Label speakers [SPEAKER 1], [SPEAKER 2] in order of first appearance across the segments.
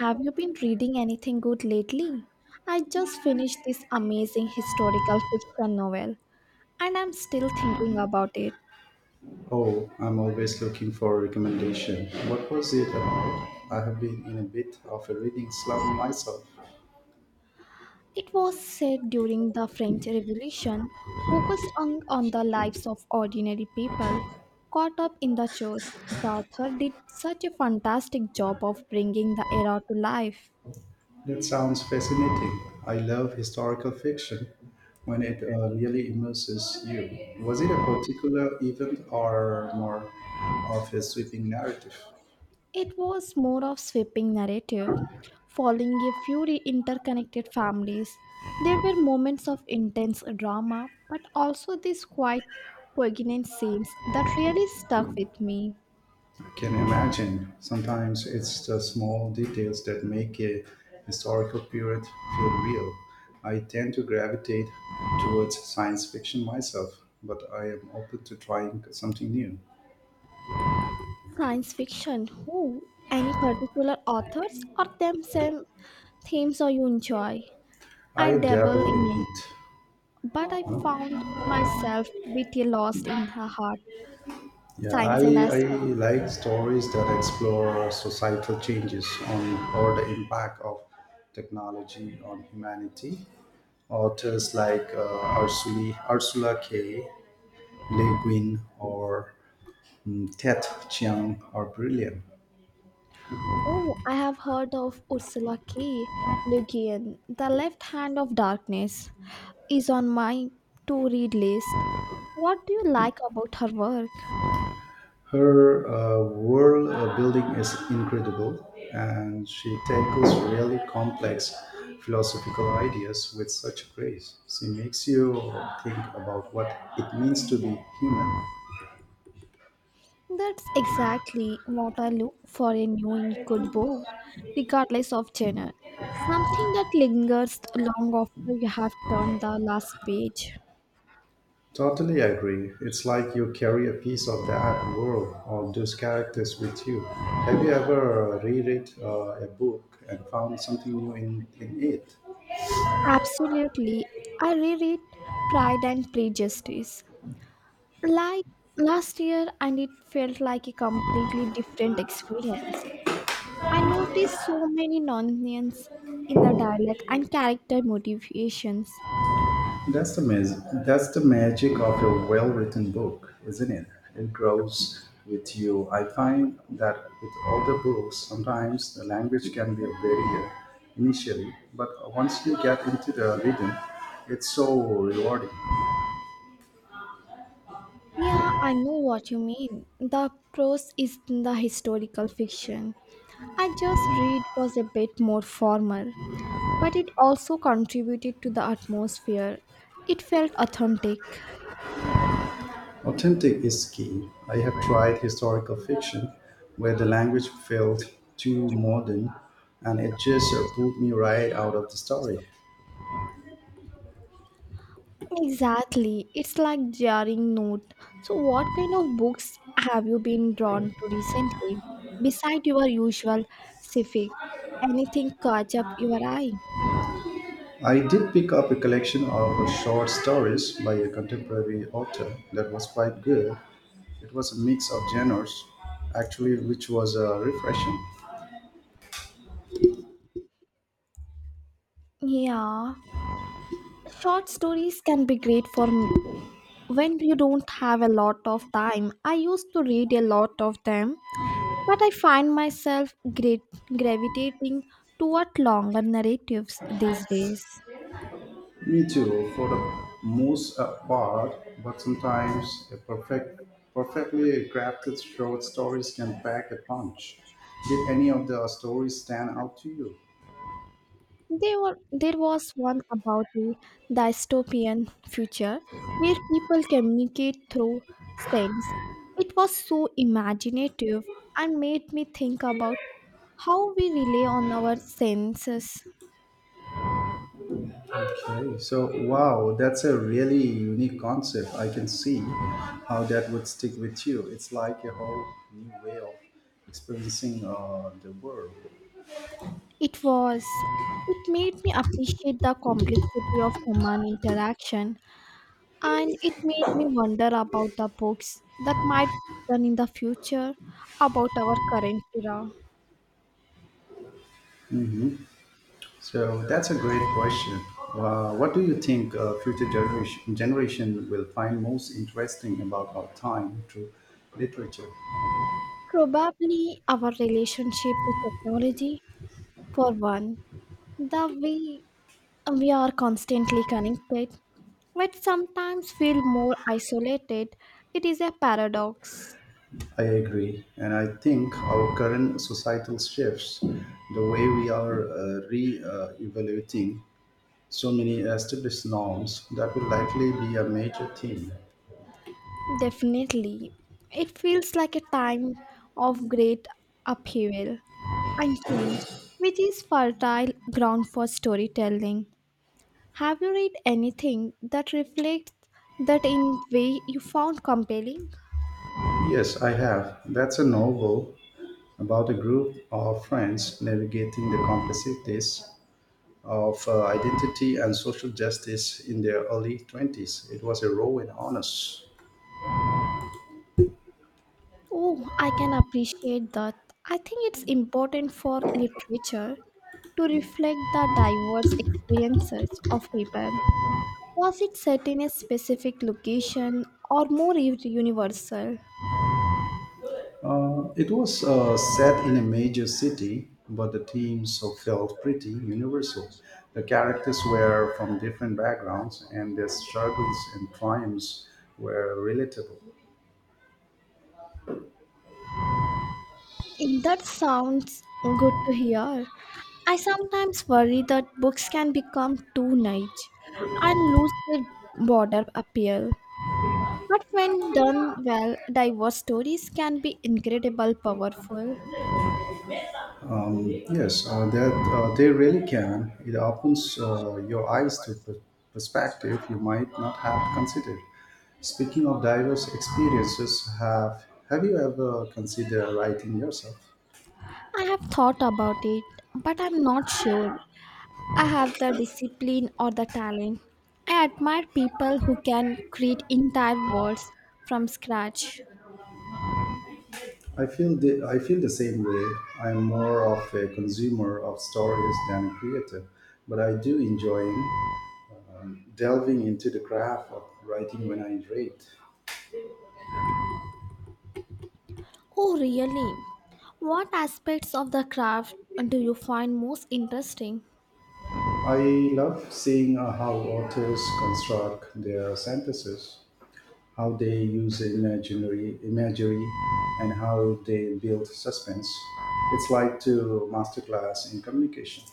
[SPEAKER 1] Have you been reading anything good lately? I just finished this amazing historical fiction novel and I'm still thinking about it.
[SPEAKER 2] Oh, I'm always looking for a recommendation. What was it about? I have been in a bit of a reading slump myself.
[SPEAKER 1] It was set during the French Revolution, focused on the lives of ordinary people caught up in the chores. The author did such a fantastic job of bringing the era to life.
[SPEAKER 2] That sounds fascinating. I love historical fiction when it really immerses you. Was it a particular event or more of a sweeping narrative?
[SPEAKER 1] It was more of sweeping narrative, following a few interconnected families. There were moments of intense drama, but also these quite poignant scenes that really stuck with me.
[SPEAKER 2] Can you imagine. Sometimes it's the small details that make a historical period feel real. I tend to gravitate towards science fiction myself, but I am open to trying something new.
[SPEAKER 1] Science fiction, who? Any particular authors or them same themes or you enjoy? I
[SPEAKER 2] I dabble
[SPEAKER 1] dabble in
[SPEAKER 2] in
[SPEAKER 1] it,
[SPEAKER 2] it.
[SPEAKER 1] but I found myself bit lost in her heart,
[SPEAKER 2] Yeah,
[SPEAKER 1] science and
[SPEAKER 2] I
[SPEAKER 1] aspect.
[SPEAKER 2] like stories that explore societal changes on or the impact of technology on humanity. Authors like Ursula K. Le Guin or Ted Chiang are brilliant.
[SPEAKER 1] Oh, I have heard of Ursula K. Le Guin. The Left Hand of Darkness is on my to read list. What do you like about her work?
[SPEAKER 2] Her world building is incredible, and she tackles really complex philosophical ideas with such grace. She makes you think about what it means to be human.
[SPEAKER 1] That's exactly what I look for in new in good book, regardless of genre. Something that lingers long after you have turned the last page.
[SPEAKER 2] Totally agree. It's like you carry a piece of that world or those characters with you. Have you ever reread a book and found something new in it?
[SPEAKER 1] Absolutely. I reread Pride and Prejudice like last year, and it felt like a completely different experience. I noticed so many nonsense in the dialect and character motivations.
[SPEAKER 2] That's the magic. That's the magic of a well-written book, isn't it? It grows with you. I find that with older books, sometimes the language can be a barrier initially, but once you get into the rhythm, it's so rewarding.
[SPEAKER 1] Yeah, I know what you mean. The prose is in the historical fiction. I just read was a bit more formal, but it also contributed to the atmosphere. It felt authentic.
[SPEAKER 2] Authentic is key. I have tried historical fiction where the language felt too modern, and it just pulled me right out of the story.
[SPEAKER 1] Exactly. It's like jarring note. So what kind of books have you been drawn to recently? Beside your usual civic, anything catch up your eye?
[SPEAKER 2] I did pick up a collection of short stories by a contemporary author that was quite good. It was a mix of genres, actually, which was refreshing.
[SPEAKER 1] Yeah. Short stories can be great when you don't have a lot of time. I used to read a lot of them, but I find myself great gravitating toward longer narratives these days.
[SPEAKER 2] Me too, for the most part, but sometimes a perfectly crafted short stories can pack a punch. Did any of the stories stand out to you?
[SPEAKER 1] There was one about a dystopian future where people communicate through sense. It was so imaginative and made me think about how we rely on our senses.
[SPEAKER 2] Okay, so wow, that's a really unique concept. I can see how that would stick with you. It's like a whole new way of experiencing the world.
[SPEAKER 1] It was, it made me appreciate the complexity of human interaction, and it made me wonder about the books that might be done in the future about our current era.
[SPEAKER 2] So that's a great question. What do you think generation will find most interesting about our time through literature?
[SPEAKER 1] Probably our relationship with technology, for one, the way we are constantly connected, but sometimes feel more isolated. It is a paradox.
[SPEAKER 2] I agree. And I think our current societal shifts, the way we are re evaluating so many established norms that will likely be a major theme.
[SPEAKER 1] Definitely. It feels like a time of great upheaval and change, which is fertile ground for storytelling. Have you read anything that reflects that in way you found compelling?
[SPEAKER 2] Yes, I have. That's a novel about a group of friends navigating the complexities of identity and social justice in their early 20s. It was a raw and honest.
[SPEAKER 1] Oh, I can appreciate that. I think it's important for literature to reflect the diverse experiences of people. Was it set in a specific location or more universal?
[SPEAKER 2] It was set in a major city, but the themes so felt pretty universal. The characters were from different backgrounds, and their struggles and triumphs were relatable.
[SPEAKER 1] That sounds good to hear. I sometimes worry that books can become too niche and lose their broader appeal. But when done well, diverse stories can be incredibly powerful.
[SPEAKER 2] Um, yes, that they really can. It opens your eyes to perspective you might not have considered. Speaking of diverse experiences, have you ever considered writing yourself?
[SPEAKER 1] I have thought about it, but I'm not sure I have the discipline or the talent. I admire people who can create entire worlds from scratch.
[SPEAKER 2] I feel the same way. I'm more of a consumer of stories than a creator, but I do enjoy delving into the craft of writing when I read.
[SPEAKER 1] Oh, really? What aspects of the craft do you find most interesting?
[SPEAKER 2] I love seeing how authors construct their sentences, how they use imaginary imagery and how they build suspense. It's like to masterclass in communication.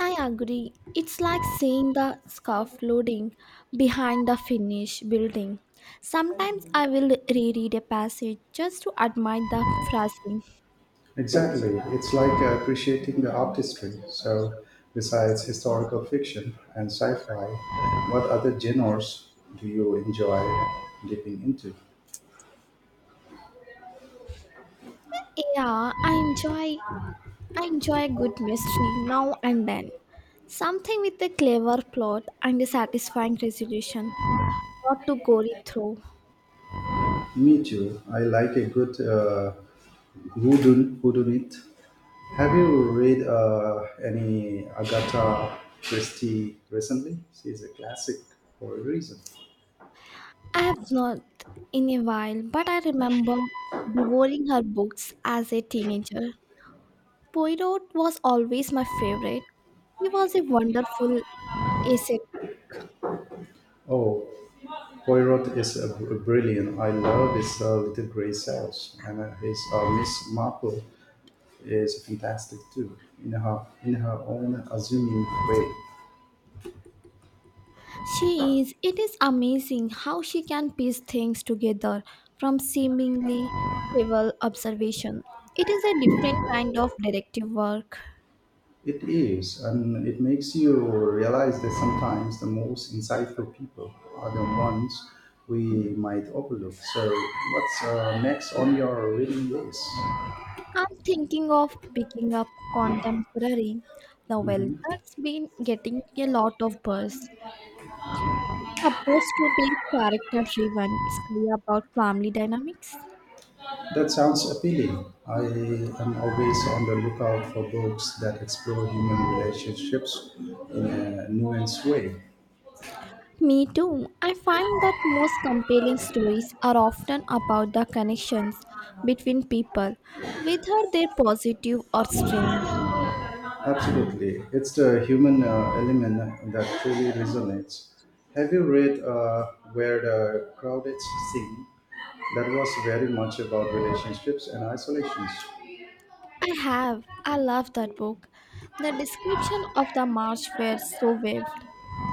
[SPEAKER 1] I agree. It's like seeing the scarf loading behind the finished building. Sometimes I will reread a passage just to admire the phrasing.
[SPEAKER 2] Exactly. It's like appreciating the artistry. So besides historical fiction and sci-fi, what other genres do you enjoy dipping into?
[SPEAKER 1] Yeah, I enjoy a good mystery now and then. Something with a clever plot and a satisfying resolution, not too gory through.
[SPEAKER 2] Me too. I like a good whodunit. Have you read any Agatha Christie recently? She's a classic for a reason.
[SPEAKER 1] I have not in a while, but I remember devouring her books as a teenager. Poirot was always my favorite. He was a wonderful essay.
[SPEAKER 2] Oh, Poirot is a brilliant. I love his Little Grey Cells, and his Miss Marple is fantastic too, in her own assuming way.
[SPEAKER 1] She is. It is amazing how she can piece things together from seemingly trivial observation. It is a different kind of detective work.
[SPEAKER 2] It is, and it makes you realize that sometimes the most insightful people are the ones we might overlook. So, what's next on your reading list?
[SPEAKER 1] I'm thinking of picking up contemporary novel
[SPEAKER 2] Hmm.
[SPEAKER 1] that's been getting a lot of buzz. Supposed to be character driven, story about family dynamics.
[SPEAKER 2] That sounds appealing. I am always on the lookout for books that explore human relationships in a nuanced way.
[SPEAKER 1] Me too. I find that most compelling stories are often about the connections between people, whether they're positive or strained.
[SPEAKER 2] Absolutely. It's the human element that truly resonates. Have you read Where the Crowded Sing? That was very much about relationships and isolations.
[SPEAKER 1] I have. I love that book. The description of the march were so vivid,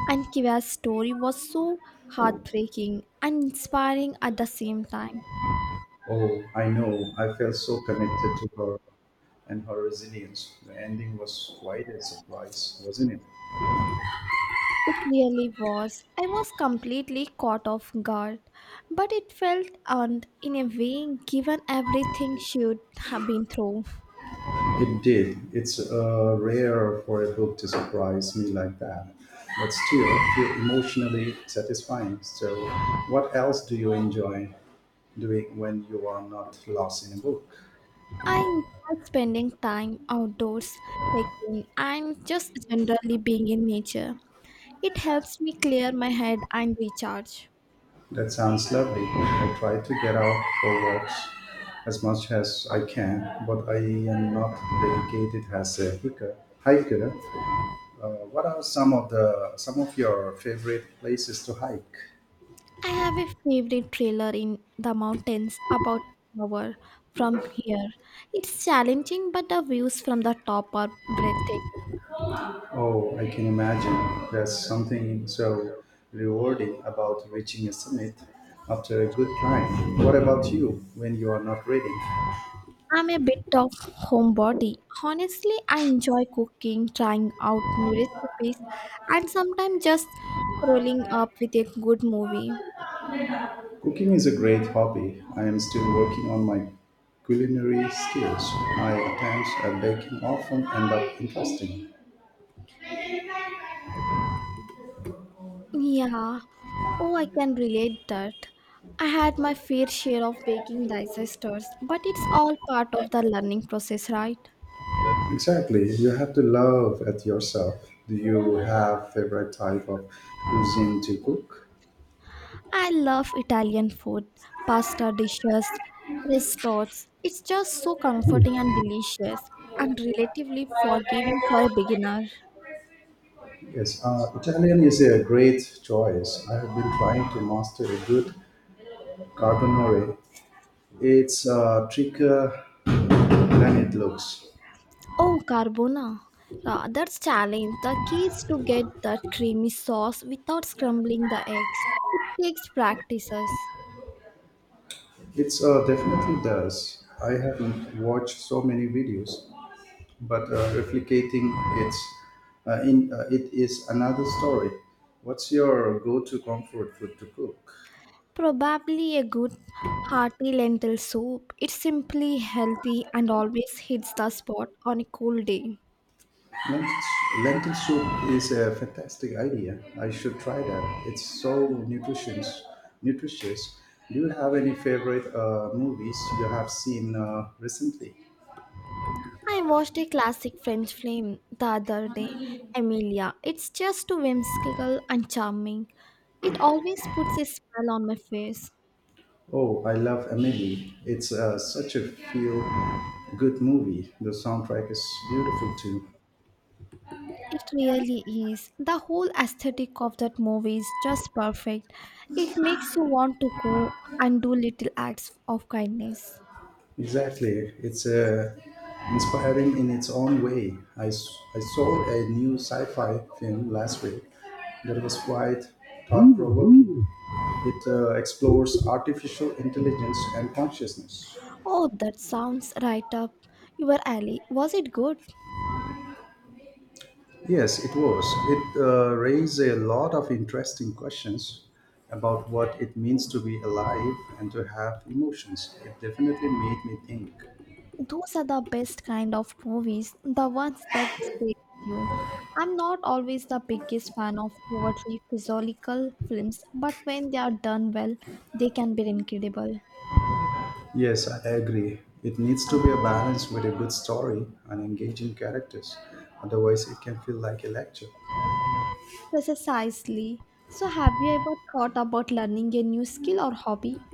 [SPEAKER 1] and Kiva's story was so heartbreaking and inspiring at the same time.
[SPEAKER 2] Oh, I know. I felt so connected to her and her resilience. The ending was quite a surprise, wasn't it?
[SPEAKER 1] It really was. I was completely caught off guard, but it felt earned in a way given everything she'd have been through.
[SPEAKER 2] It did. It's rare for a book to surprise me like that, but still feel emotionally satisfying. So, what else do you enjoy doing when you are not lost in a book?
[SPEAKER 1] I enjoy spending time outdoors, hiking, and just generally being in nature. It helps me clear my head and recharge.
[SPEAKER 2] That sounds lovely. I try to get out for walks as much as I can, but I am not dedicated as a hiker. Hiker. What are some of the some of your favorite places to hike?
[SPEAKER 1] I have a favorite trailer in the mountains about an hour from here. It's challenging, but the views from the top are breathtaking.
[SPEAKER 2] Oh, I can imagine. There's something so rewarding about reaching a summit after a good climb. What about you when you are not reading?
[SPEAKER 1] I'm a bit of homebody. Honestly, I enjoy cooking, trying out new recipes, and sometimes just curling up with a good movie.
[SPEAKER 2] Cooking is a great hobby. I am still working on my culinary skills. My attempts at baking often end up interesting.
[SPEAKER 1] Yeah. Oh, I can relate that. I had my fair share of baking disasters, but it's all part of the learning process, right?
[SPEAKER 2] Exactly. You have to love at yourself. Do you have favorite type of cuisine to cook?
[SPEAKER 1] I love Italian food, pasta dishes, risottos. It's just so comforting and delicious, and relatively forgiving for a beginner.
[SPEAKER 2] Yes, Italian is a great choice. I have been trying to master a good carbonara. It's trickier than it looks.
[SPEAKER 1] Oh, carbona. That's challenge. The key is to get that creamy sauce without scrambling the eggs. It takes practices.
[SPEAKER 2] It's definitely does. I haven't watched so many videos, but replicating it's it is another story. What's your go-to comfort food to cook?
[SPEAKER 1] Probably a good hearty lentil soup. It's simply healthy and always hits the spot on a cool day.
[SPEAKER 2] Lentil, lentil soup is a fantastic idea. I should try that. It's so nutritious. Nutritious. Do you have any favorite movies you have seen recently?
[SPEAKER 1] I watched a classic French film the other day, Emilia. It's just too whimsical and charming. It always puts a smile on my face.
[SPEAKER 2] Oh, I love Amelie. It's such a feel good movie. The soundtrack is beautiful too.
[SPEAKER 1] It really is. The whole aesthetic of that movie is just perfect. It makes you want to go and do little acts of kindness.
[SPEAKER 2] Exactly. It's inspiring in its own way. I saw a new sci fi film last week that was quite thought provoking. It explores artificial intelligence and consciousness.
[SPEAKER 1] Oh, that sounds right up your alley. Was it good?
[SPEAKER 2] Yes, it was. It raised a lot of interesting questions about what it means to be alive and to have emotions. It definitely made me think.
[SPEAKER 1] Those are the best kind of movies, the ones that stay with you. I'm not always the biggest fan of overtly physiological films, but when they are done well, they can be incredible.
[SPEAKER 2] Yes, I agree. It needs to be a
[SPEAKER 1] Okay,
[SPEAKER 2] balance with a good story and engaging characters. Otherwise, it can feel like a lecture.
[SPEAKER 1] precisely. So, have you ever thought about learning a new skill or hobby?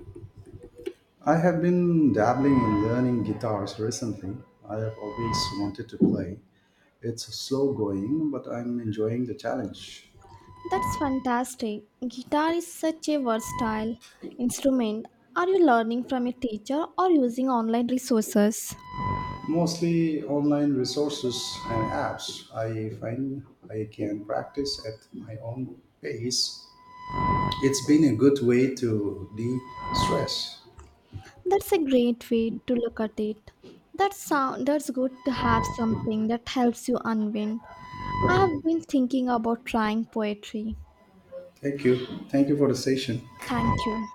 [SPEAKER 2] I have been dabbling in learning guitars recently. I have always wanted to play. It's slow going, but I'm enjoying the challenge.
[SPEAKER 1] That's fantastic. Guitar is such a versatile instrument. Are you learning from a teacher or using online resources?
[SPEAKER 2] Mostly online resources and apps. I find I can practice at my own pace. It's been a good way to de stress.
[SPEAKER 1] That's a great way to look at it. That sound that's good to have something that helps you unwind. I have been thinking about trying poetry.
[SPEAKER 2] Thank you. Thank you for the session.
[SPEAKER 1] Thank you.